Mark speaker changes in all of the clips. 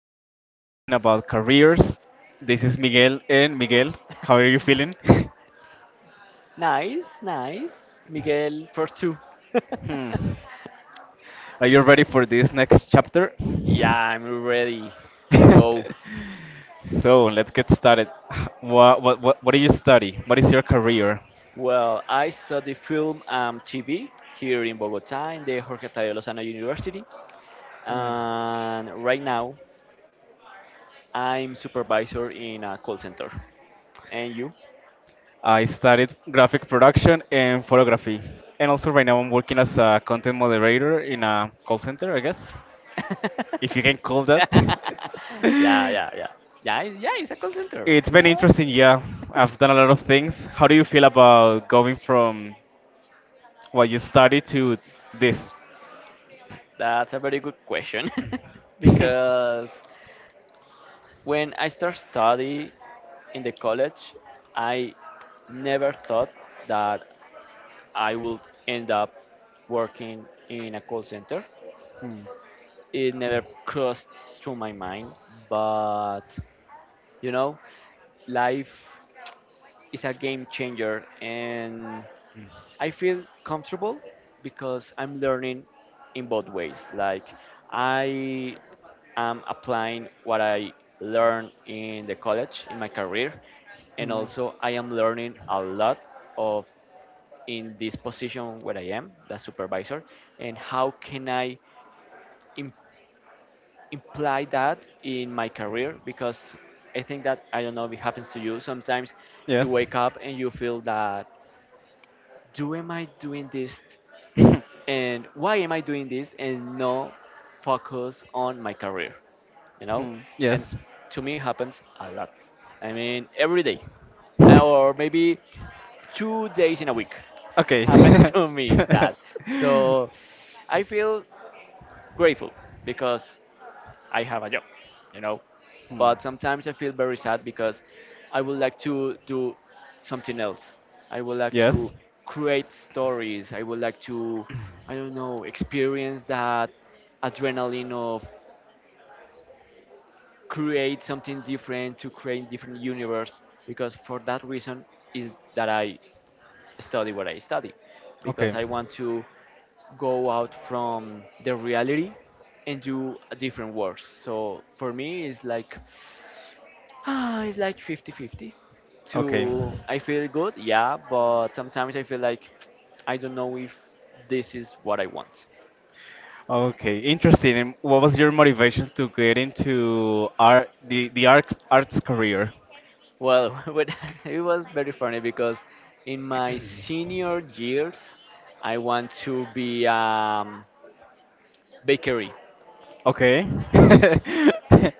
Speaker 1: we're going to be talking about careers. This is Miguel, and Miguel, how are you feeling?
Speaker 2: Nice, nice. Miguel for two.
Speaker 1: Hmm. Are you ready for this next chapter?
Speaker 2: Yeah, I'm ready. Let's go.
Speaker 1: So let's get started. What do you study? What is your career?
Speaker 2: Well, I study film and TV here in Bogota in the Jorge Tadeo Lozano University. And right now, I'm supervisor in a call center. And you?
Speaker 1: I studied graphic production and photography. And also, right now, I'm working as a content moderator in a call center, I guess, if you can call that.
Speaker 2: Yeah, yeah, yeah. Yeah, it's a call center.
Speaker 1: It's been interesting, yeah. I've done a lot of things. How do you feel about going from what you studied to this?
Speaker 2: That's a very good question. Because when I start study, in the college, I never thought that I would end up working in a call center. It never crossed through my mind, but you know, life is a game changer and I feel comfortable because I'm learning in both ways. Like I am applying what I learned in the college in my career, and also I am learning a lot of in this position where I am, the supervisor, and how can I im- imply that in my career? Because I think that, I don't know if it happens to you. Sometimes you
Speaker 1: Yes.
Speaker 2: wake up and you feel that, do am I doing this and why am I doing this and no focus on my career, you know?
Speaker 1: Hmm,
Speaker 2: And
Speaker 1: yes.
Speaker 2: to me happens a lot. I mean every day or maybe 2 days in a week
Speaker 1: Okay.
Speaker 2: happens to me that.
Speaker 1: Hmm,
Speaker 2: So I feel grateful because I have a job, you know. But sometimes I feel very sad because I would like to do something else. I would like
Speaker 1: yes.
Speaker 2: to create stories. I would like to, I don't know, experience that adrenaline of create something different, to create different universe. Because for that reason is that I study what I study, because
Speaker 1: Okay.
Speaker 2: I want to go out from the reality and do a different works. So for me, it's like ah, it's like 50-50.
Speaker 1: Okay.
Speaker 2: To I feel good, yeah, but sometimes I feel like I don't know if this is what I want.
Speaker 1: Okay. Interesting. And what was your motivation to get into art, the the arts career?
Speaker 2: Well, but it was very funny because in my senior years, I want to be bakery.
Speaker 1: Okay.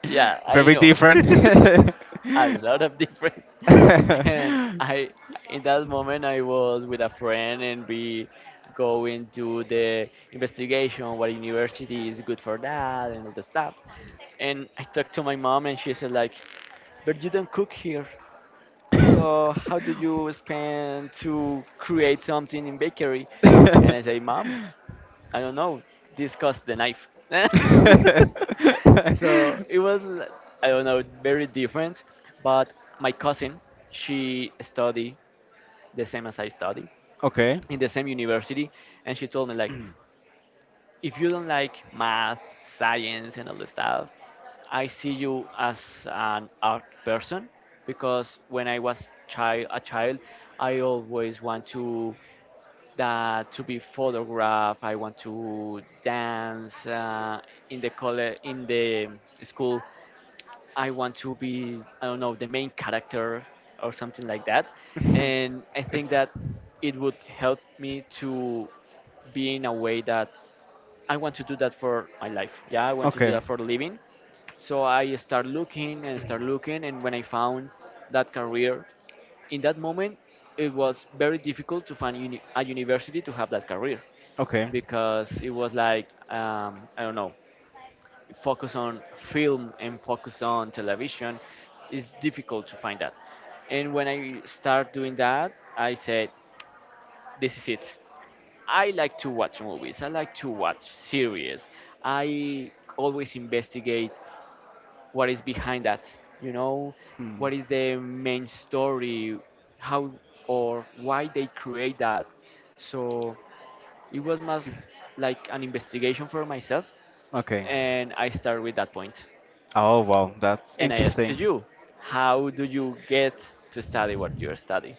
Speaker 2: Yeah, I
Speaker 1: Very
Speaker 2: know.
Speaker 1: different.
Speaker 2: A lot of different and I in that moment I was with a friend and we go into the investigation what university is good for that and all the stuff, and I talked to my mom and she said like, but you don't cook here, so how do you spend to create something in bakery? And I say, mom, I don't know, discuss the knife. So it was, I don't know, very different. But my cousin, she study the same as I study
Speaker 1: Okay.
Speaker 2: in the same university, and she told me like, if you don't like math, science, and all the stuff, I see you as an art person. Because when I was a child, I always want to that to be photographed. I want to dance in the college, in the school. I want to be, I don't know, the main character or something like that. And I think that it would help me to be in a way that I want to do that for my life. Yeah, I want to do
Speaker 1: Okay.
Speaker 2: that for a living. So I start looking, and when I found that career, in that moment, it was very difficult to find a university to have that career
Speaker 1: Okay.
Speaker 2: because it was like I don't know, focus on film and focus on television. It's difficult to find that. And when I start doing that, I said, "This is it. I like to watch movies. I like to watch series. I always investigate what is behind that. You know,
Speaker 1: Hmm.
Speaker 2: what is the main story? How or why they create that?" So it was much like an investigation for myself.
Speaker 1: Okay.
Speaker 2: And I start with that point.
Speaker 1: Oh wow, that's
Speaker 2: And I ask to
Speaker 1: interesting.
Speaker 2: you, how do you get to study what you study?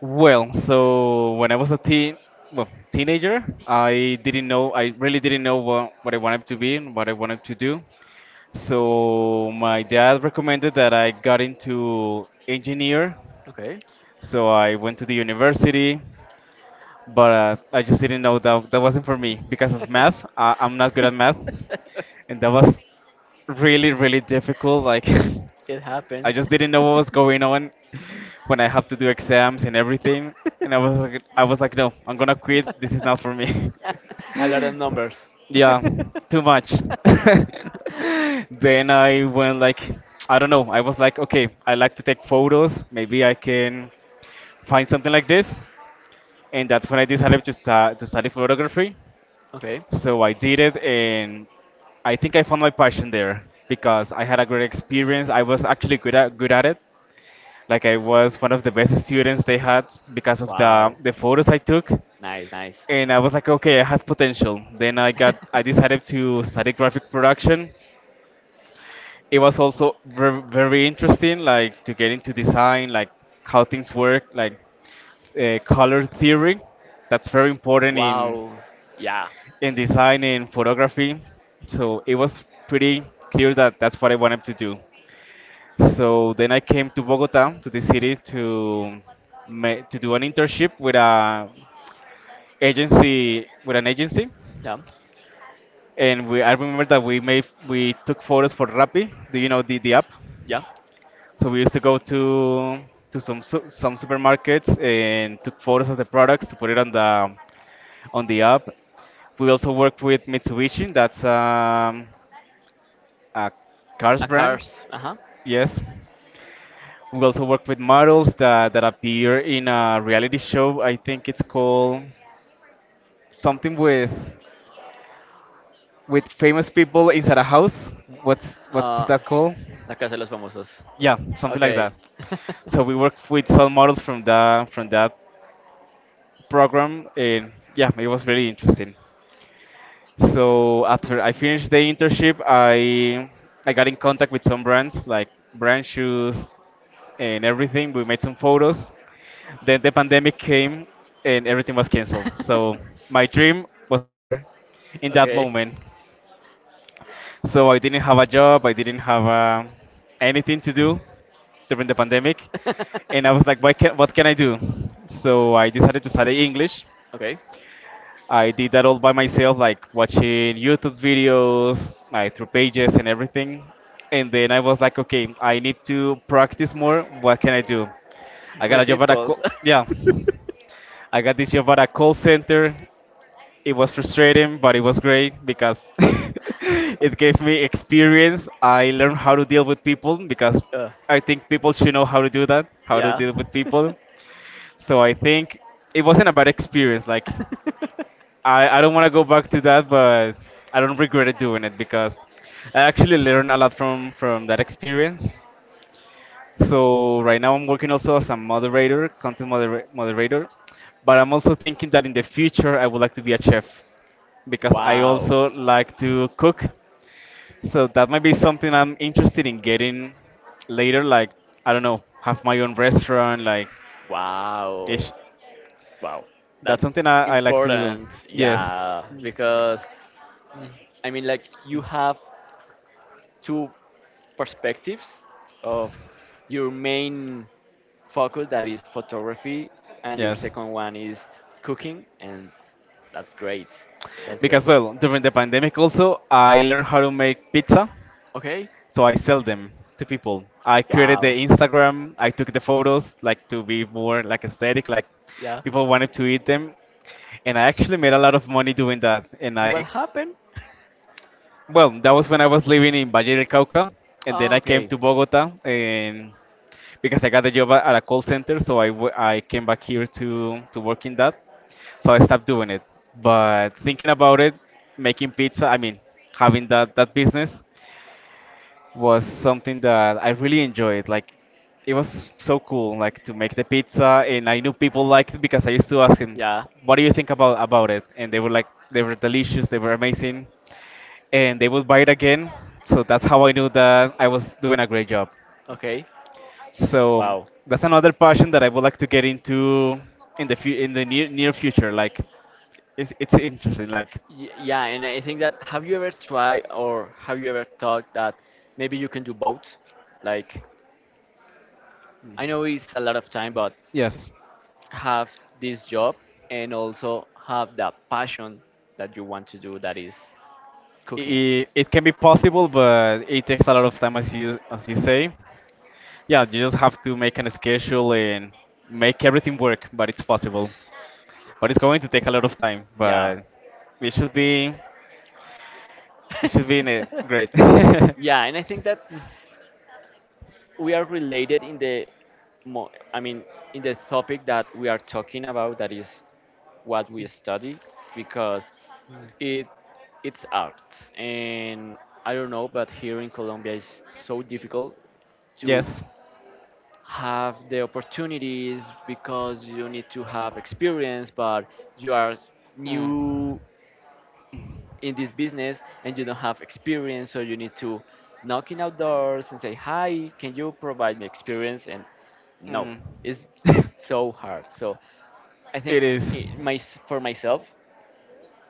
Speaker 1: Well, so when I was a teen, well, teenager, I didn't know, I really didn't know what I wanted to be and what I wanted to do. So my dad recommended that I got into engineer.
Speaker 2: Okay.
Speaker 1: So I went to the university. But I just didn't know that that wasn't for me because of math. I'm not good at math, and that was really difficult. Like
Speaker 2: It
Speaker 1: I
Speaker 2: happens.
Speaker 1: just didn't know what was going on when I have to do exams and everything, and I was like, I was like, no, I'm gonna quit. This is not for me.
Speaker 2: A lot of numbers.
Speaker 1: Yeah, too much. Then I went like, I don't know. I was like, okay, I like to take photos. Maybe I can find something like this, and that's when I decided to start to study photography.
Speaker 2: Okay.
Speaker 1: So I did it, and I think I found my passion there because I had a great experience. I was actually good at it. Like I was one of the best students they had because of the
Speaker 2: Wow.
Speaker 1: the photos I took,
Speaker 2: Nice, nice.
Speaker 1: and I was like, okay, I have potential. Then I decided to study graphic production. It was also very, very interesting, like to get into design, like how things work, like color theory. That's very important
Speaker 2: Wow. Yeah.
Speaker 1: in design and photography. So it was pretty clear that that's what I wanted to do. So then I came to Bogota, to the city, to to do an internship with a agency with an agency,
Speaker 2: Yeah.
Speaker 1: and we I remember that we took photos for Rappi. Do you know the app?
Speaker 2: Yeah.
Speaker 1: So we used to go to some supermarkets and took photos of the products to put it on the app. We also work with Mitsubishi. That's a cars
Speaker 2: A
Speaker 1: brand.
Speaker 2: cars. Ajá.
Speaker 1: Yes. We also work with models that, that appear in a reality show. I think it's called something with famous people inside a house. What's
Speaker 2: Ah,
Speaker 1: that called?
Speaker 2: la casa de los famosos.
Speaker 1: Yeah, something like that.
Speaker 2: Okay.
Speaker 1: So we worked with some models from that program, and yeah, it was very interesting. So after I finished the internship, I got in contact with some brands like brand shoes and everything. We made some photos. Then the pandemic came and everything was canceled. So my dream was over in that
Speaker 2: Okay.
Speaker 1: moment. So I didn't have a job, I didn't have anything to do during the pandemic. And I was like, what can I do? So I decided to study English.
Speaker 2: Okay.
Speaker 1: I did that all by myself, like watching YouTube videos, like through pages and everything. And then I was like, okay, I need to practice more. What can I do? I got a job
Speaker 2: Receive
Speaker 1: at a
Speaker 2: calls.
Speaker 1: co- Yeah. I got this job at a call center. It was frustrating, but it was great because it gave me experience. I learned how to deal with people because
Speaker 2: Uh,
Speaker 1: I think people should know how to do that, how to
Speaker 2: yeah.
Speaker 1: deal with people. So I think it wasn't a bad experience. Like I don't want to go back to that, but I don't regret it doing it because I actually learned a lot from that experience. So right now I'm working also as a moderator, content moderator, but I'm also thinking that in the future I would like to be a chef because I
Speaker 2: Wow.
Speaker 1: also like to cook. So that might be something I'm interested in getting later, like I don't know, have my own restaurant, like ish.
Speaker 2: Wow. Wow.
Speaker 1: That's
Speaker 2: That's
Speaker 1: something I like to do.
Speaker 2: important.
Speaker 1: Yes,
Speaker 2: Yeah. Because, I mean, like, you have two perspectives of your main focus that is photography, and your
Speaker 1: yes.
Speaker 2: second one is cooking. And that's great. That's
Speaker 1: Because
Speaker 2: great.
Speaker 1: well, during the pandemic also I learned how to make pizza.
Speaker 2: Okay.
Speaker 1: So I sell them to people. I created the
Speaker 2: Wow.
Speaker 1: Instagram. I took the photos like to be more like aesthetic, like
Speaker 2: Yeah.
Speaker 1: people wanted to eat them, and I actually made a lot of money doing that.
Speaker 2: And what happened?
Speaker 1: Well, that was when I was living in Valle del Cauca, and then
Speaker 2: Oh,
Speaker 1: I came
Speaker 2: okay.
Speaker 1: to Bogota, and because I got a job at a call center, so I came back here to work in that. So I stopped doing it. But thinking about it, making pizza, I mean, having that business was something that I really enjoyed. Like, it was so cool, like to make the pizza, and I knew people liked it because I used to ask them,
Speaker 2: Yeah.
Speaker 1: "What do you think about it?" And they were like, they were delicious, they were amazing, and they would buy it again. So that's how I knew that I was doing a great job.
Speaker 2: Okay.
Speaker 1: So
Speaker 2: Wow.
Speaker 1: that's another passion that I would like to get into in in the near future. Like, it's interesting. Like,
Speaker 2: Yeah, and I think that, have you ever tried or have you ever thought that maybe you can do both? Like, I know it's a lot of time, but
Speaker 1: yes,
Speaker 2: have this job and also have that passion that you want to do that is cooking.
Speaker 1: it can be possible, but it takes a lot of time, as you say. Yeah, you just have to make an schedule and make everything work, but it's possible. But it's going to take a lot of time,
Speaker 2: Yeah.
Speaker 1: but it should be it should be in a great.
Speaker 2: Yeah, and I think that we are related in the I mean, in the topic that we are talking about, that is what we study, because it it's art and I don't know, but here in Colombia it's so difficult to
Speaker 1: Yes.
Speaker 2: have the opportunities because you need to have experience, but you are
Speaker 1: Mm.
Speaker 2: new in this business and you don't have experience, so you need to knock in outdoors and say hi, can you provide me experience? And no,
Speaker 1: Mm.
Speaker 2: it's so hard. So I think
Speaker 1: It is.
Speaker 2: it, my, for myself,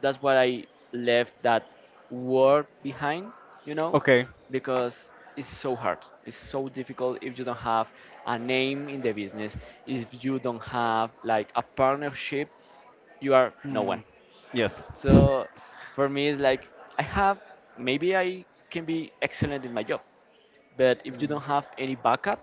Speaker 2: that's why I left that work behind, you know,
Speaker 1: Okay.
Speaker 2: because it's so hard. It's so difficult if you don't have a name in the business, if you don't have like a partnership, you are no one.
Speaker 1: Mm. Yes.
Speaker 2: So for me, it's like I have, maybe I can be excellent in my job, but if you don't have any backup,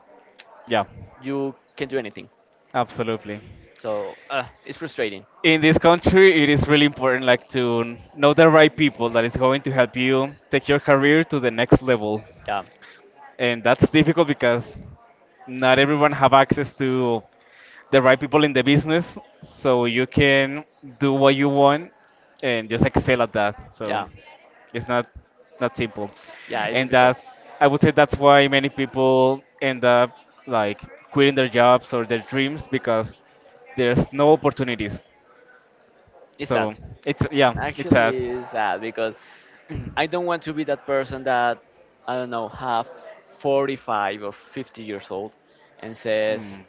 Speaker 1: Yeah.
Speaker 2: you can't do anything.
Speaker 1: Absolutely.
Speaker 2: So it's frustrating.
Speaker 1: In this country, it is really important like to know the right people that is going to help you take your career to the next level.
Speaker 2: Yeah,
Speaker 1: And that's difficult because not everyone have access to the right people in the business, so you can do what you want and just excel at that. So
Speaker 2: yeah,
Speaker 1: it's not simple.
Speaker 2: yeah. It's
Speaker 1: And
Speaker 2: difficult.
Speaker 1: that's, I would say that's why many people end up like quitting their jobs or their dreams because there's no opportunities.
Speaker 2: It's sad.
Speaker 1: So it's yeah, it's sad.
Speaker 2: Actually, it's sad because I don't want to be that person that, I don't know, have 45 or 50 years old and says
Speaker 1: Hmm.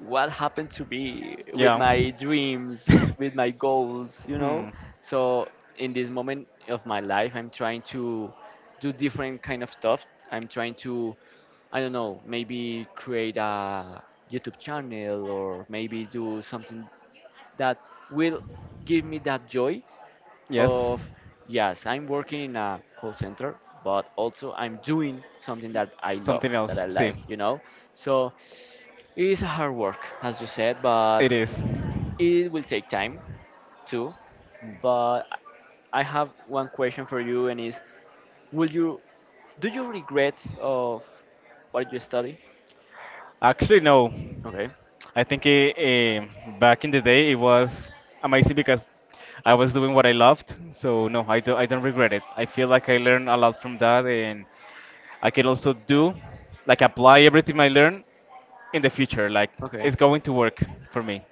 Speaker 2: what happened to me with
Speaker 1: Yeah.
Speaker 2: my dreams, with my goals, you know?
Speaker 1: Hmm.
Speaker 2: So in this moment of my life I'm trying to do different kind of stuff. I'm trying to, I don't know, maybe create a YouTube channel or maybe do something that will give me that joy
Speaker 1: Yes.
Speaker 2: of, yes, I'm working in a call center, but also I'm doing something that I love,
Speaker 1: Something
Speaker 2: that
Speaker 1: else.
Speaker 2: I
Speaker 1: See,
Speaker 2: like, you know? So it's a hard work, as you said, but
Speaker 1: it is.
Speaker 2: it will take time too. But I have one question for you, and is, will you, do you regret of what you study?
Speaker 1: Actually, no.
Speaker 2: Okay.
Speaker 1: I think it, eh, back in the day it was amazing because I was doing what I loved. So no, I don't. I don't regret it. I feel like I learned a lot from that, and I can also do, like, apply everything I learned in the future. Like,
Speaker 2: Okay.
Speaker 1: it's going to work for me.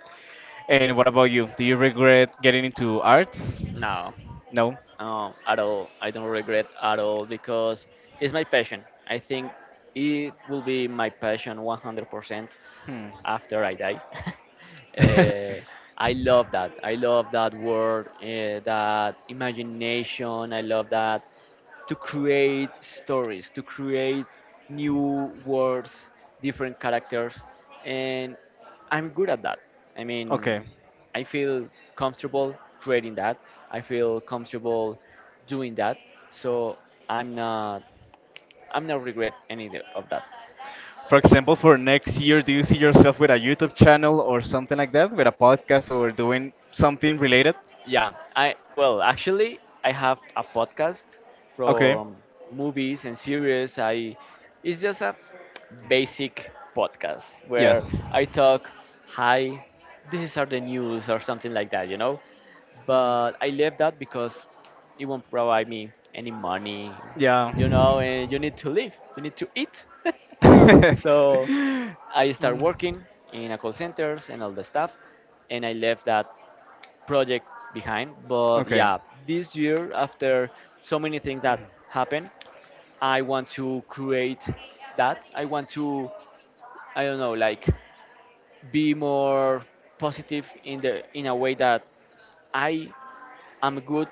Speaker 1: And what about you? Do you regret getting into arts?
Speaker 2: No.
Speaker 1: No.
Speaker 2: At all. I don't regret at all because it's my passion. I think it will be my passion 100%
Speaker 1: Hmm.
Speaker 2: after I die. uh, I love that. I love that word, that imagination. I love that, to create stories, to create new words, different characters, and I'm good at that. I mean,
Speaker 1: Okay.
Speaker 2: I feel comfortable creating that. I feel comfortable doing that. So I'm not I'm not regret any of that.
Speaker 1: For example, for next year, do you see yourself with a YouTube channel or something like that, with a podcast or doing something related?
Speaker 2: Yeah, I well, actually, I have a podcast
Speaker 1: Okay.
Speaker 2: from movies and series. I it's just a basic podcast where
Speaker 1: Yes.
Speaker 2: I talk, "Hi, this are the news" or something like that, you know. But I left that because it won't provide me any money,
Speaker 1: Yeah.
Speaker 2: you know, and you need to live, you need to eat. So I start
Speaker 1: Um,
Speaker 2: working in a call centers and all the stuff, and I left that project behind. But
Speaker 1: okay.
Speaker 2: yeah, this year, after so many things that happen, I want to create that. I want to, I don't know, like be more positive in the in a way that I am good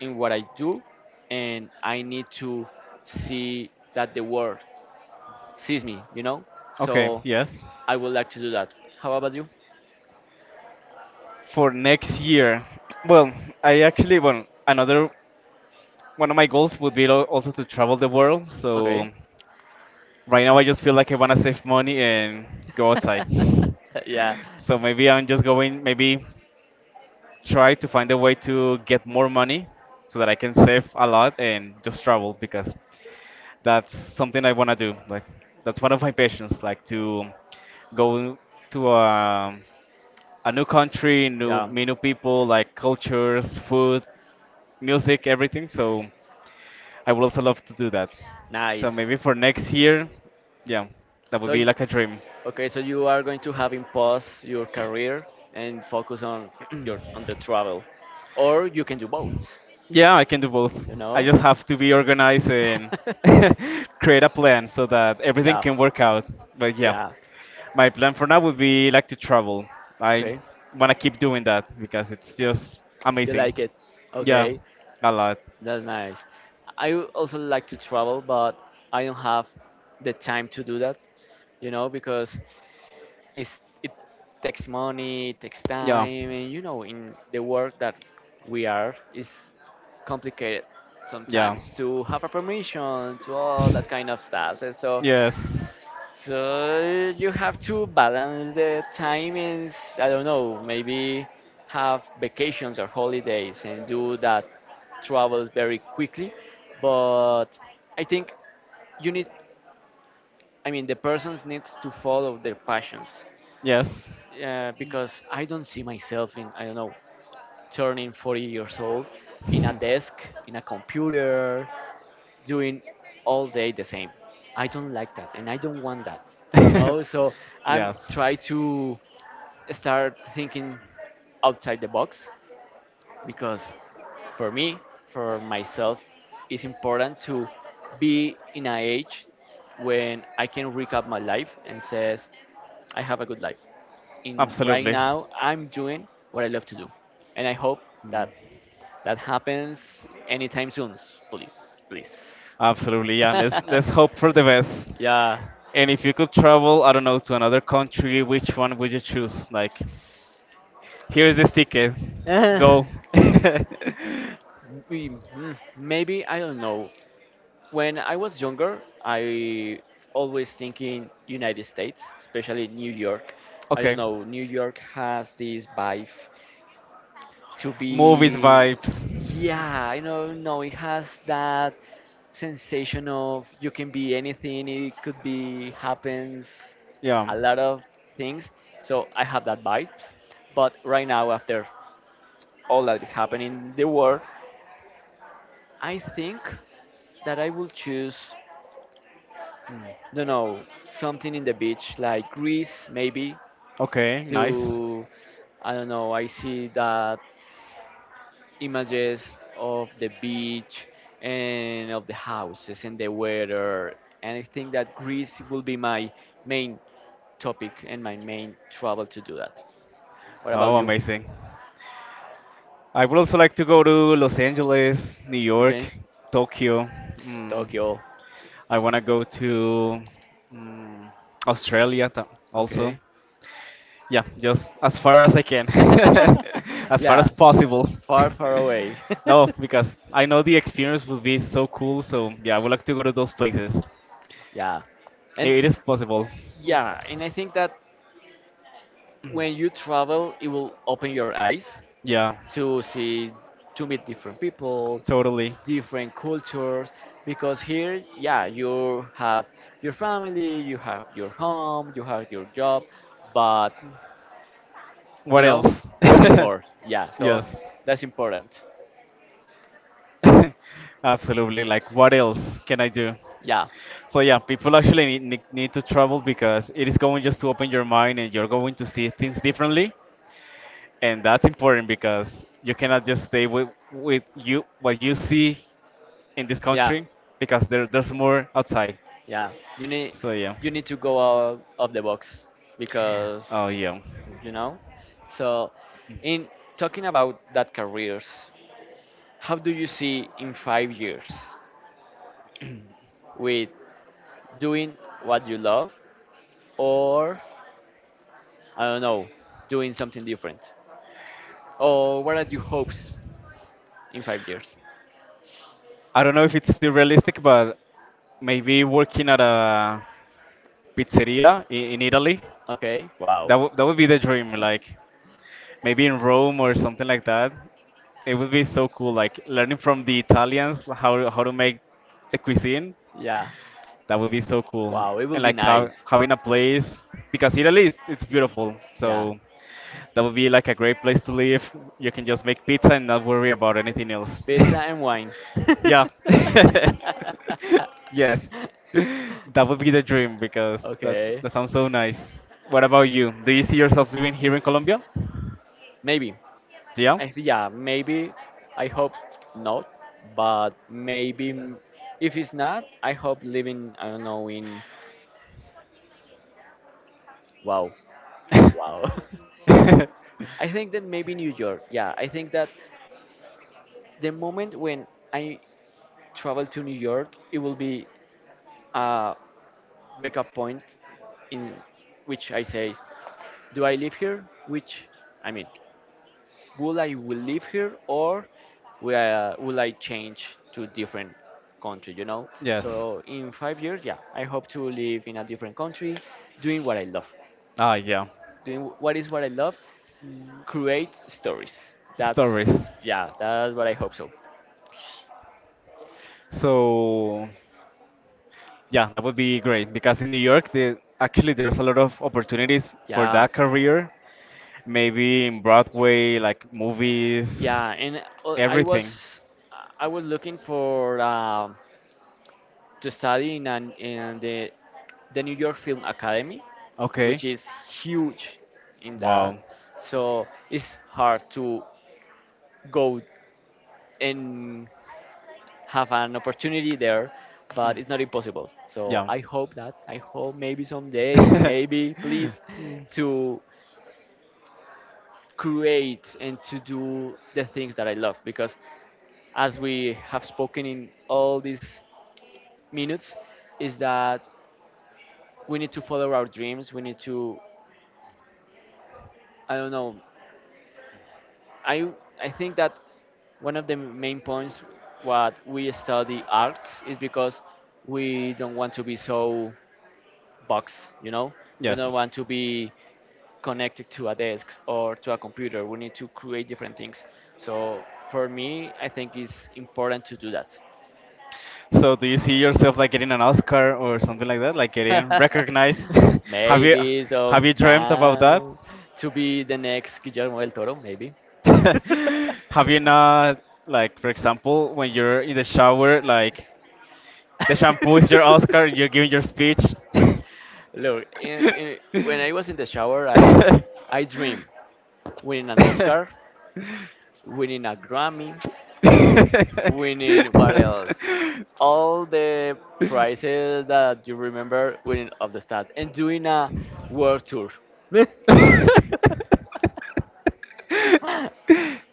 Speaker 2: in what I do, and I need to see that the world sees me. You know,
Speaker 1: Okay.
Speaker 2: so
Speaker 1: Yes.
Speaker 2: I would like to do that. How about you?
Speaker 1: For next year, well, well, another one of my goals would be also to travel the world. So
Speaker 2: Okay.
Speaker 1: right now, I just feel like I want to save money and go outside.
Speaker 2: Yeah.
Speaker 1: So maybe I'm just going maybe try to find a way to get more money so that I can save a lot and just travel because that's something I want to do. Like that's one of my passions, like to go to a new country, new
Speaker 2: Yeah.
Speaker 1: meet new people, like cultures, food, music, everything. So I would also love to do that. So
Speaker 2: Nice.
Speaker 1: maybe for next year, yeah, that would
Speaker 2: So,
Speaker 1: be like a dream.
Speaker 2: okay, so you are going to having pause your career and focus on your on the travel, or you can do both.
Speaker 1: Yeah, I can do both.
Speaker 2: You
Speaker 1: I
Speaker 2: know?
Speaker 1: just have to be organized and create a plan so that everything
Speaker 2: Yeah,
Speaker 1: can work out. But yeah,
Speaker 2: yeah.
Speaker 1: my plan for now would be like to travel. I
Speaker 2: Okay,
Speaker 1: want to keep doing that because it's just
Speaker 2: you like
Speaker 1: amazing.
Speaker 2: it.
Speaker 1: Yeah,
Speaker 2: Okay,
Speaker 1: a lot.
Speaker 2: that's nice. I would also like to travel, but I don't have the time to do that. You know, because it's, it takes money, it takes
Speaker 1: Yeah,
Speaker 2: time, and you know, in the work that we are, is complicated
Speaker 1: yeah,
Speaker 2: sometimes to have a permission to all that kind of stuff. And so,
Speaker 1: yes,
Speaker 2: so you have to balance the timings. I don't know, maybe have vacations or holidays and do that travels very quickly. But I think you need, I mean, the persons needs to follow their passions
Speaker 1: yes,
Speaker 2: because I don't see myself in, I don't know, turning 40 years old in a desk, in a computer, doing all day the same. I don't like that, and I don't want that. You know, so I'm
Speaker 1: yes,
Speaker 2: trying to start thinking outside the box because for me, for myself, it's important to be in an age when I can recap my life and says I have a good life. In right
Speaker 1: absolutely,
Speaker 2: now, I'm doing what I love to do, and I hope that that happens anytime soon. Please, please.
Speaker 1: absolutely. Yeah, let's hope for the best.
Speaker 2: Yeah.
Speaker 1: And if you could travel, I don't know, to another country, which one would you choose? Like. Here's the sticker.
Speaker 2: Uh,
Speaker 1: Go.
Speaker 2: Maybe I don't know. When I was younger, I always thinking United States, especially New York. I don't
Speaker 1: Okay.
Speaker 2: know. New York has this vibe to
Speaker 1: Movies
Speaker 2: be.
Speaker 1: vibes.
Speaker 2: Yeah I don't know No, it has that sensation of you can be anything. It could be happens
Speaker 1: Yeah.
Speaker 2: a lot of things, so I have that vibes. But right now, after all that is happening in the world, I think that I will choose,
Speaker 1: Mm.
Speaker 2: no, something in the beach, like Greece maybe,
Speaker 1: Okay, nice.
Speaker 2: to, I don't know. I see that images of the beach and of the houses and the weather. And I think that Greece will be my main topic and my main travel to do that. What
Speaker 1: Oh,
Speaker 2: about you?
Speaker 1: amazing. I would also like to go to Los Angeles, New
Speaker 2: Okay.
Speaker 1: York, Tokyo. Mm.
Speaker 2: Tokyo.
Speaker 1: I want to go to mm, Australia also.
Speaker 2: Okay.
Speaker 1: Yeah, just as far as I can, as far as
Speaker 2: yeah.
Speaker 1: possible.
Speaker 2: Far, far away.
Speaker 1: No, because I know the experience will be so cool. So yeah, I would like to go to those places.
Speaker 2: yeah. And
Speaker 1: It is possible.
Speaker 2: yeah, and I think that when you travel, it will open your eyes
Speaker 1: Yeah,
Speaker 2: to see, to meet different people,
Speaker 1: totally.
Speaker 2: different cultures. Because here, yeah, you have your family, you have your home, you have your job, but you
Speaker 1: What
Speaker 2: know
Speaker 1: else?
Speaker 2: you need more, yeah, so
Speaker 1: Yes,
Speaker 2: that's important.
Speaker 1: absolutely. Like, what else can I do?
Speaker 2: Yeah,
Speaker 1: So yeah, people actually need to travel because it is going just to open your mind and you're going to see things differently, and that's important because you cannot just stay with you what you see in this
Speaker 2: yeah,
Speaker 1: country because there's more outside.
Speaker 2: yeah, you need,
Speaker 1: So yeah,
Speaker 2: you need to go out of the box because
Speaker 1: oh yeah.
Speaker 2: you know so in talking about that careers, how do you see in 5 years with doing what you love or, I don't know, doing something different? Or what are your hopes in 5 years?
Speaker 1: I don't know if it's still realistic, but maybe working at a pizzeria in Italy.
Speaker 2: Okay,
Speaker 1: That,
Speaker 2: wow.
Speaker 1: would that would be the dream, like maybe in Rome or something like that. It would be so cool, like learning from the Italians how to make the cuisine.
Speaker 2: Yeah,
Speaker 1: That would be so cool.
Speaker 2: wow, it will
Speaker 1: And
Speaker 2: be
Speaker 1: like
Speaker 2: nice.
Speaker 1: having a place, because Italy is it's beautiful.
Speaker 2: Yeah,
Speaker 1: So that would be like a great place to live. You can just make pizza and not worry about anything else.
Speaker 2: pizza and wine.
Speaker 1: Yeah. Yes. That would be the dream because
Speaker 2: okay,
Speaker 1: that sounds so nice. What about you? Do you see yourself living here in Colombia?
Speaker 2: maybe.
Speaker 1: Yeah.
Speaker 2: Yeah, maybe. I hope not, but maybe m- if it's not, I hope living, I don't know, in wow, wow. I think that maybe New York. Yeah, I think that the moment when I travel to New York, it will be a breakup point in which I say, do I live here? Which, I mean, will I, will live here or will I change to different country,
Speaker 1: Yes.
Speaker 2: So in 5 years, yeah, I hope to live in a different country, doing what I love.
Speaker 1: Ah, yeah.
Speaker 2: Doing what is what I love, create stories. That's,
Speaker 1: Stories.
Speaker 2: yeah, that's what I hope so.
Speaker 1: So, Yeah, that would be great because in New York, actually, there's a lot of opportunities for
Speaker 2: Yeah.
Speaker 1: that career. Maybe in Broadway, like movies,
Speaker 2: Yeah, and
Speaker 1: everything.
Speaker 2: I was looking for to study in an, in the New York Film Academy,
Speaker 1: Okay.
Speaker 2: which is huge in that.
Speaker 1: Wow.
Speaker 2: So it's hard to go and have an opportunity there, but
Speaker 1: Mm,
Speaker 2: it's not impossible. So
Speaker 1: yeah.
Speaker 2: I hope that I hope maybe someday, maybe please,
Speaker 1: Mm,
Speaker 2: to create and to do the things that I love, because as we have spoken in all these minutes is that we need to follow our dreams. We need to, I don't know. I I think that one of the main points what we study art is because we don't want to be so boxed, We don't
Speaker 1: yes.
Speaker 2: want to be connected to a desk or to a computer. We need to create different things. So for me, I think it's important to do that.
Speaker 1: So, do you see yourself like getting an Oscar or something like that, like getting recognized? Have you
Speaker 2: maybe
Speaker 1: have you dreamt about that?
Speaker 2: sometime to be the next Guillermo del Toro, maybe.
Speaker 1: Have you not, like, for example, when you're in the shower, like the shampoo is your Oscar. You're giving your speech.
Speaker 2: Look, in, when I was in the shower, I dream winning an Oscar, winning a Grammy, winning what else? All the prizes that you remember winning of the stats and doing a world tour.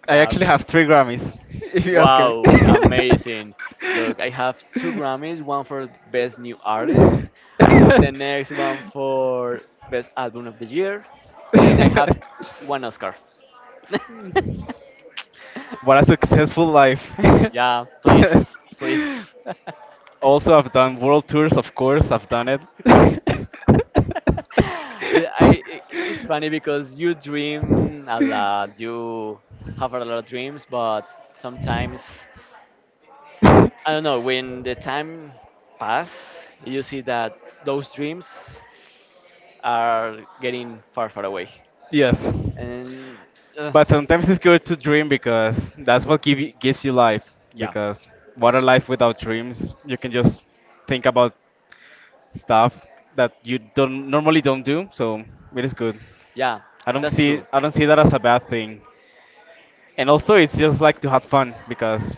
Speaker 1: I actually
Speaker 2: Um,
Speaker 1: have three Grammys, if you ask me.
Speaker 2: wow, amazing. Look, I have 2 Grammys, one for Best New Artist, the next one for Best Album of the Year, and I have one Oscar.
Speaker 1: What a successful life.
Speaker 2: Yeah, please, please.
Speaker 1: Also, I've done world tours, of course, I've done it.
Speaker 2: It, I it's funny because you dream a lot, you have a lot of dreams, but sometimes, I don't know, when the time pass, you see that those dreams are getting far, far away.
Speaker 1: Yes.
Speaker 2: And uh,
Speaker 1: But sometimes it's good to dream because that's what gives you life.
Speaker 2: yeah,
Speaker 1: Because what are life without dreams? You can just think about stuff that you don't do, so it is good.
Speaker 2: yeah, that's true.
Speaker 1: I don't see that as a bad thing. And also it's just like to have fun because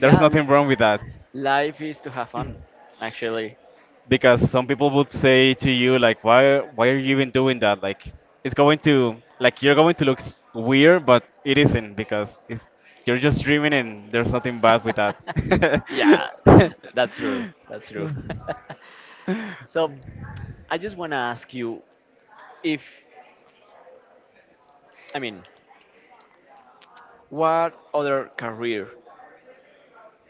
Speaker 1: there's
Speaker 2: Yeah,
Speaker 1: nothing wrong with that.
Speaker 2: life is to have fun, actually.
Speaker 1: Because some people would say to you like why are you even doing that, like it's going to, like you're going to look weird, but it isn't because it's you're just dreaming and there's nothing bad with that.
Speaker 2: Yeah, that's true. That's true. so I just want to ask you if, I mean, what other career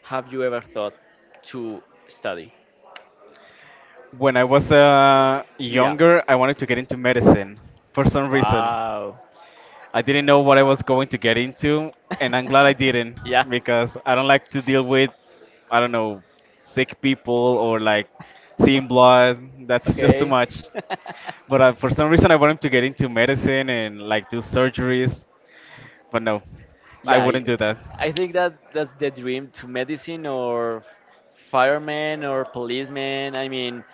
Speaker 2: have you ever thought to study?
Speaker 1: when I was
Speaker 2: Yeah.
Speaker 1: younger I wanted to get into medicine for some reason.
Speaker 2: Wow.
Speaker 1: I didn't know what I was going to get into, and I'm glad I didn't,
Speaker 2: yeah.
Speaker 1: because I don't like to deal with, I don't know, sick people or like seeing blood. That's just too
Speaker 2: Okay.
Speaker 1: much. But for some reason, I wanted to get into medicine and like do surgeries, but no, I
Speaker 2: yeah. you-
Speaker 1: wouldn't do that.
Speaker 2: I think that that's the dream to medicine or fireman or policeman. I mean,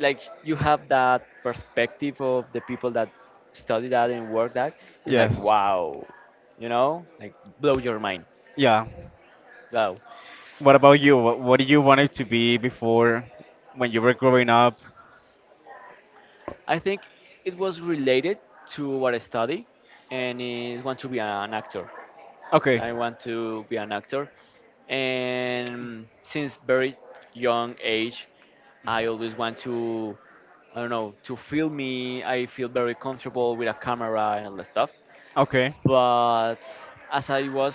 Speaker 2: like you have that perspective of the people that study that and work that it's like
Speaker 1: Yes.
Speaker 2: wow, like blow your mind.
Speaker 1: Yeah.
Speaker 2: Wow,
Speaker 1: What about you? What do you wanted to be before when you were growing up?
Speaker 2: I think it was related to what I study and is want to be an actor.
Speaker 1: Okay.
Speaker 2: I want to be an actor, and since very young age I always want to, I don't know, to film me. I feel very comfortable with a camera and all that stuff.
Speaker 1: Okay.
Speaker 2: But as I was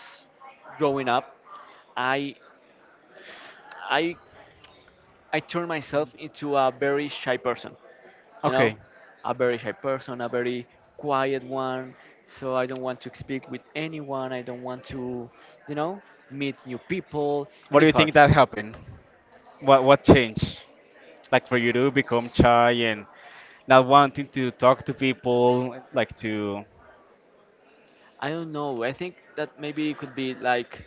Speaker 2: growing up, I I I turned myself into a very shy person, you know,
Speaker 1: Okay.
Speaker 2: a very shy person, a very quiet one. So I don't want to speak with anyone. I don't want to, you know, meet new people, and
Speaker 1: What do
Speaker 2: it's
Speaker 1: you think
Speaker 2: hard.
Speaker 1: that happened? What changed? Like for you to become shy and not wanting to talk to people, like to.
Speaker 2: I don't know. I think that maybe it could be like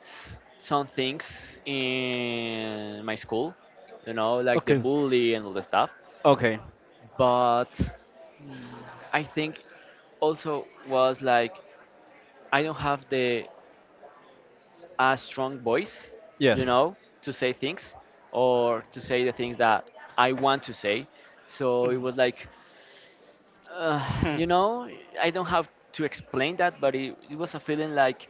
Speaker 2: some things in my school, like the
Speaker 1: Okay.
Speaker 2: bully and all the stuff.
Speaker 1: Okay.
Speaker 2: But I think also was like I don't have the a strong voice, you
Speaker 1: Yes.
Speaker 2: know, to say things or to say the things that I want to say. So it was like, uh,
Speaker 1: Hmm.
Speaker 2: you know, I don't have to explain that, but it was a feeling like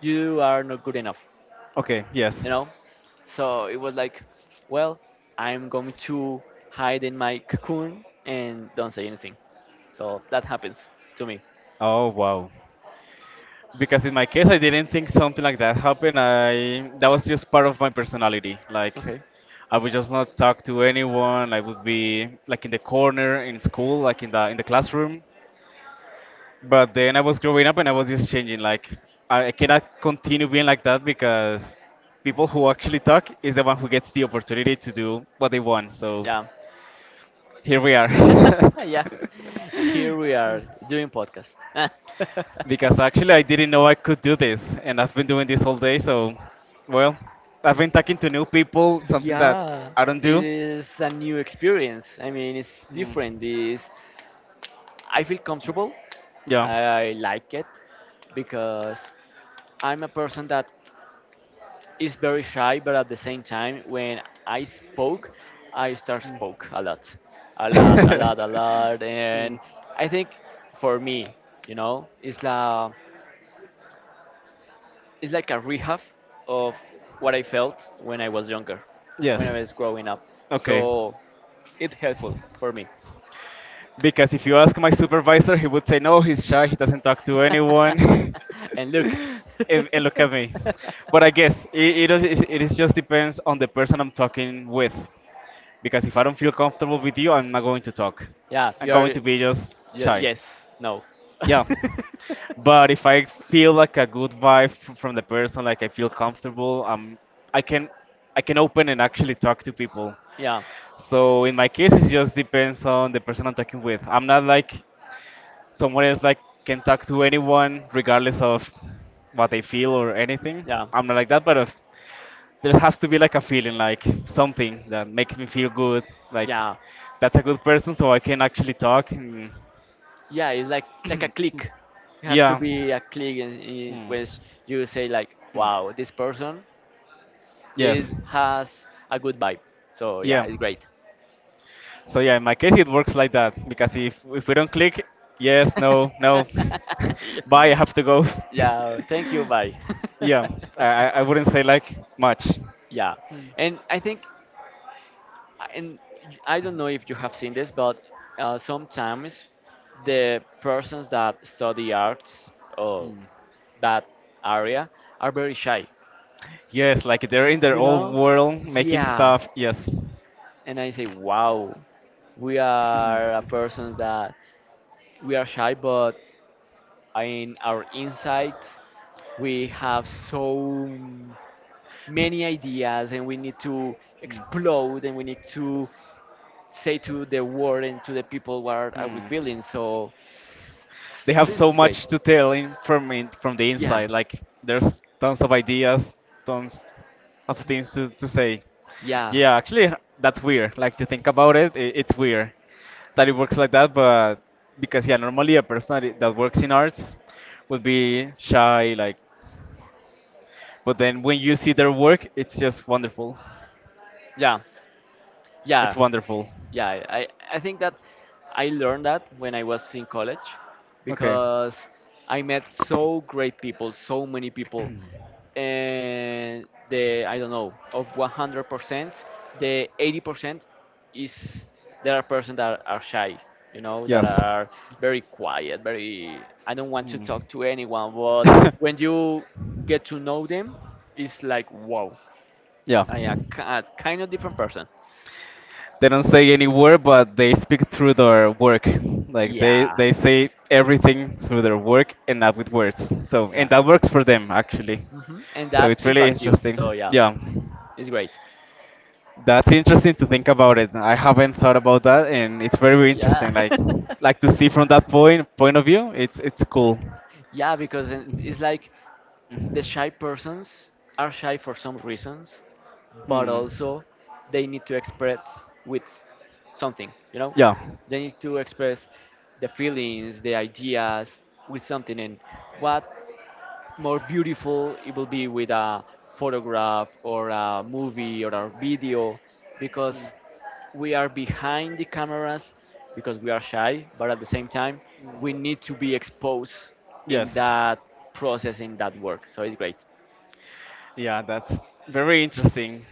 Speaker 2: you are not good enough,
Speaker 1: Okay.
Speaker 2: you
Speaker 1: Yes.
Speaker 2: know. So it was like, well, I'm going to hide in my cocoon and don't say anything. So that happens to me.
Speaker 1: Oh wow. Because in my case, I didn't think something like that happened. I that was just part of my personality. Like,
Speaker 2: Okay.
Speaker 1: I would just not talk to anyone. I would be like in the corner in school, like in the classroom. But then I was growing up and I was just changing. Like I cannot continue being like that because people who actually talk is the one who gets the opportunity to do what they want. So
Speaker 2: Yeah.
Speaker 1: here we are.
Speaker 2: yeah, here we are doing podcast.
Speaker 1: Because actually I didn't know I could do this and I've been doing this all day. So well, I've been talking to new people, something that
Speaker 2: yeah,
Speaker 1: I don't
Speaker 2: it
Speaker 1: do.
Speaker 2: is a new experience. I mean, it's
Speaker 1: Mm,
Speaker 2: different. Is I feel comfortable.
Speaker 1: yeah.
Speaker 2: I like it because I'm a person that is very shy, but at the same time, when I spoke, I start spoke a lot, a lot, a lot, a lot, and I think for me, you know, it's la it's like a rehab of what I felt when I was younger, when I
Speaker 1: Yes.
Speaker 2: was growing up.
Speaker 1: Okay.
Speaker 2: So it's helpful for me.
Speaker 1: Because if you ask my supervisor, he would say, no, he's shy, he doesn't talk to anyone.
Speaker 2: and look,
Speaker 1: And look at me. But I guess it is just depends on the person I'm talking with. Because if I don't feel comfortable with you, I'm not going to talk.
Speaker 2: yeah,
Speaker 1: I'm
Speaker 2: you're,
Speaker 1: going to be just shy.
Speaker 2: yes, no,
Speaker 1: Yeah. But if I feel like a good vibe from the person, like I feel comfortable, I can, I can open and actually talk to people.
Speaker 2: yeah,
Speaker 1: So in my case, it just depends on the person I'm talking with. I'm not like someone else like can talk to anyone regardless of what they feel or anything.
Speaker 2: yeah,
Speaker 1: I'm not like that, but if, there has to be like a feeling, like something that makes me feel good, like
Speaker 2: yeah,
Speaker 1: that's a good person, so I can actually talk. And
Speaker 2: yeah. It's like a click. You have to
Speaker 1: yeah,
Speaker 2: be a click in
Speaker 1: hmm.
Speaker 2: which you say like, wow, this person is
Speaker 1: Yes,
Speaker 2: has a good vibe. So yeah,
Speaker 1: yeah.
Speaker 2: it's great.
Speaker 1: So yeah, in my case, it works like that because if we don't click, yes, no, no, bye,
Speaker 2: Yeah.
Speaker 1: I have to go.
Speaker 2: Yeah, thank you. Bye.
Speaker 1: Yeah, I wouldn't say like much.
Speaker 2: yeah, and I think, and I don't know if you have seen this, but sometimes the persons that study arts or
Speaker 1: Hmm.
Speaker 2: that area are very shy.
Speaker 1: Yes, like they're in their
Speaker 2: You
Speaker 1: own
Speaker 2: know?
Speaker 1: world making
Speaker 2: Yeah.
Speaker 1: stuff. Yes.
Speaker 2: And I say, wow, we are a persons that we are shy, but in our insight, we have so
Speaker 1: S-
Speaker 2: many ideas and we need to explode and we need to say to the world and to the people what are we
Speaker 1: hmm.
Speaker 2: feeling, so
Speaker 1: They have
Speaker 2: so this
Speaker 1: so
Speaker 2: is great.
Speaker 1: much to tell in, from the
Speaker 2: Yeah,
Speaker 1: inside. Like there's tons of ideas, tons of things to say.
Speaker 2: yeah,
Speaker 1: Yeah, actually, that's weird. Like to think about it, I it's weird that it works like that. But because yeah, normally a person that works in arts would be shy. Like, but then when you see their work, it's just wonderful.
Speaker 2: yeah,
Speaker 1: It's
Speaker 2: yeah,
Speaker 1: wonderful.
Speaker 2: yeah, I think that I learned that when I was in college
Speaker 1: Okay.
Speaker 2: because I met so great people, so many people. And the I don't know of 100%, the 80% is there are persons that are shy, that
Speaker 1: Yes.
Speaker 2: are very quiet, very I don't want to
Speaker 1: Hmm.
Speaker 2: talk to anyone. But when you get to know them, it's like wow,
Speaker 1: Yeah.
Speaker 2: I am a kind of different person.
Speaker 1: They don't say any word, but they speak through their work. Like
Speaker 2: Yeah,
Speaker 1: they say everything through their work and not with words. So and
Speaker 2: yeah,
Speaker 1: that works for them actually.
Speaker 2: hmm, and
Speaker 1: So
Speaker 2: that
Speaker 1: it's really
Speaker 2: impacts you. So
Speaker 1: interesting.
Speaker 2: yeah,
Speaker 1: Yeah.
Speaker 2: it's great.
Speaker 1: That's interesting to think about it. I haven't thought about that, and it's very, very
Speaker 2: Yeah.
Speaker 1: interesting. Like to see from that point of view, it's cool.
Speaker 2: Yeah, because it's like
Speaker 1: Mhm.
Speaker 2: the shy persons are shy for some reasons, but
Speaker 1: Hmm.
Speaker 2: also they need to express with something,
Speaker 1: Yeah.
Speaker 2: They need to express the feelings, the ideas with something. And what more beautiful it will be with a photograph or a movie or a video because we are behind the cameras because we are shy, but at the same time, we need to be exposed in
Speaker 1: Yes.
Speaker 2: that process, in that work. So it's great.
Speaker 1: Yeah, that's very interesting.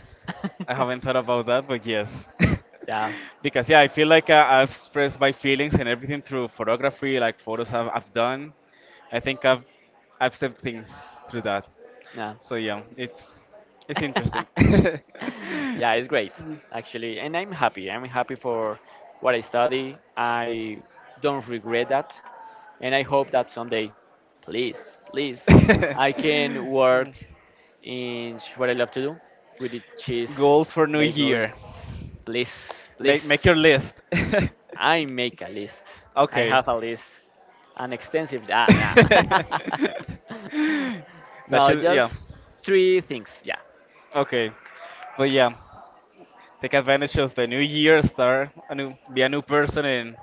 Speaker 1: I haven't thought about that, but yes.
Speaker 2: Yeah,
Speaker 1: Because yeah, I feel like I've expressed my feelings and everything through photography, like photos I've done. I think I've said things through that.
Speaker 2: yeah.
Speaker 1: So yeah, it's interesting.
Speaker 2: Yeah, it's great actually, and I'm happy. I'm happy for what I study. I don't regret that, and I hope that someday, please, please, I can work in what I love to do, which is cheese,
Speaker 1: Goals for New
Speaker 2: make movies.
Speaker 1: Year.
Speaker 2: Please,
Speaker 1: Make
Speaker 2: please,
Speaker 1: your list.
Speaker 2: I make a list. I
Speaker 1: Okay.
Speaker 2: have a list, an extensive. Ah, ah.
Speaker 1: That
Speaker 2: no,
Speaker 1: should, yeah.
Speaker 2: just 3 things. Yeah,
Speaker 1: Okay, but yeah, take advantage of the new year, start a new, be a new person, and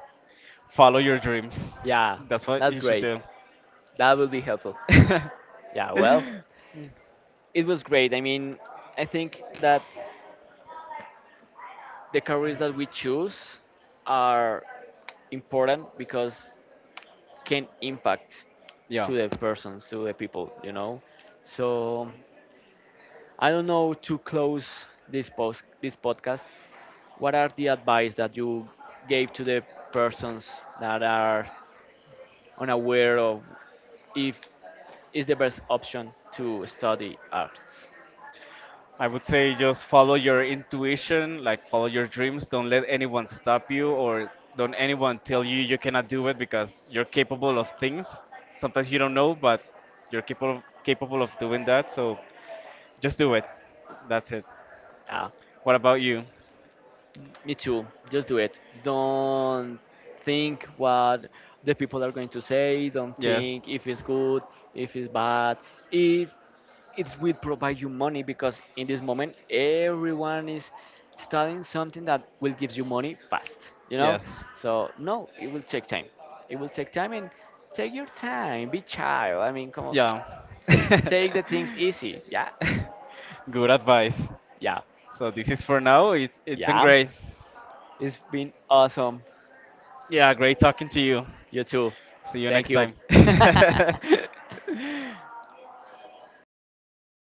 Speaker 1: follow your dreams.
Speaker 2: Yeah,
Speaker 1: That's what
Speaker 2: that's
Speaker 1: you should
Speaker 2: great.
Speaker 1: do.
Speaker 2: That will be helpful. Yeah, well, it was great. I mean, I think that the careers that we choose are important because can impact
Speaker 1: Yeah,
Speaker 2: to the persons, to the people, So I don't know to close this post, this podcast. What are the advice that you gave to the persons that are unaware of if is the best option to study arts?
Speaker 1: I would say just follow your intuition, like follow your dreams. Don't let anyone stop you, or don't anyone tell you you cannot do it because you're capable of things. Sometimes you don't know, but you're capable of doing that. So just do it. That's it.
Speaker 2: Yeah.
Speaker 1: What about you?
Speaker 2: Me too. Just do it. Don't think what the people are going to say. Don't
Speaker 1: Yes.
Speaker 2: think if it's good, if it's bad, if it will provide you money. Because in this moment, everyone is studying something that will give you money fast. You know.
Speaker 1: Yes.
Speaker 2: So no, it will take time. It will take time and take your time. Be child. I mean, come on.
Speaker 1: Yeah.
Speaker 2: Take the things easy. Yeah.
Speaker 1: Good advice.
Speaker 2: Yeah.
Speaker 1: So this is for now. It's been
Speaker 2: Yeah.
Speaker 1: great.
Speaker 2: It's been awesome.
Speaker 1: Yeah, great talking to you.
Speaker 2: You too.
Speaker 1: See you
Speaker 2: Thank
Speaker 1: next
Speaker 2: you.
Speaker 1: time.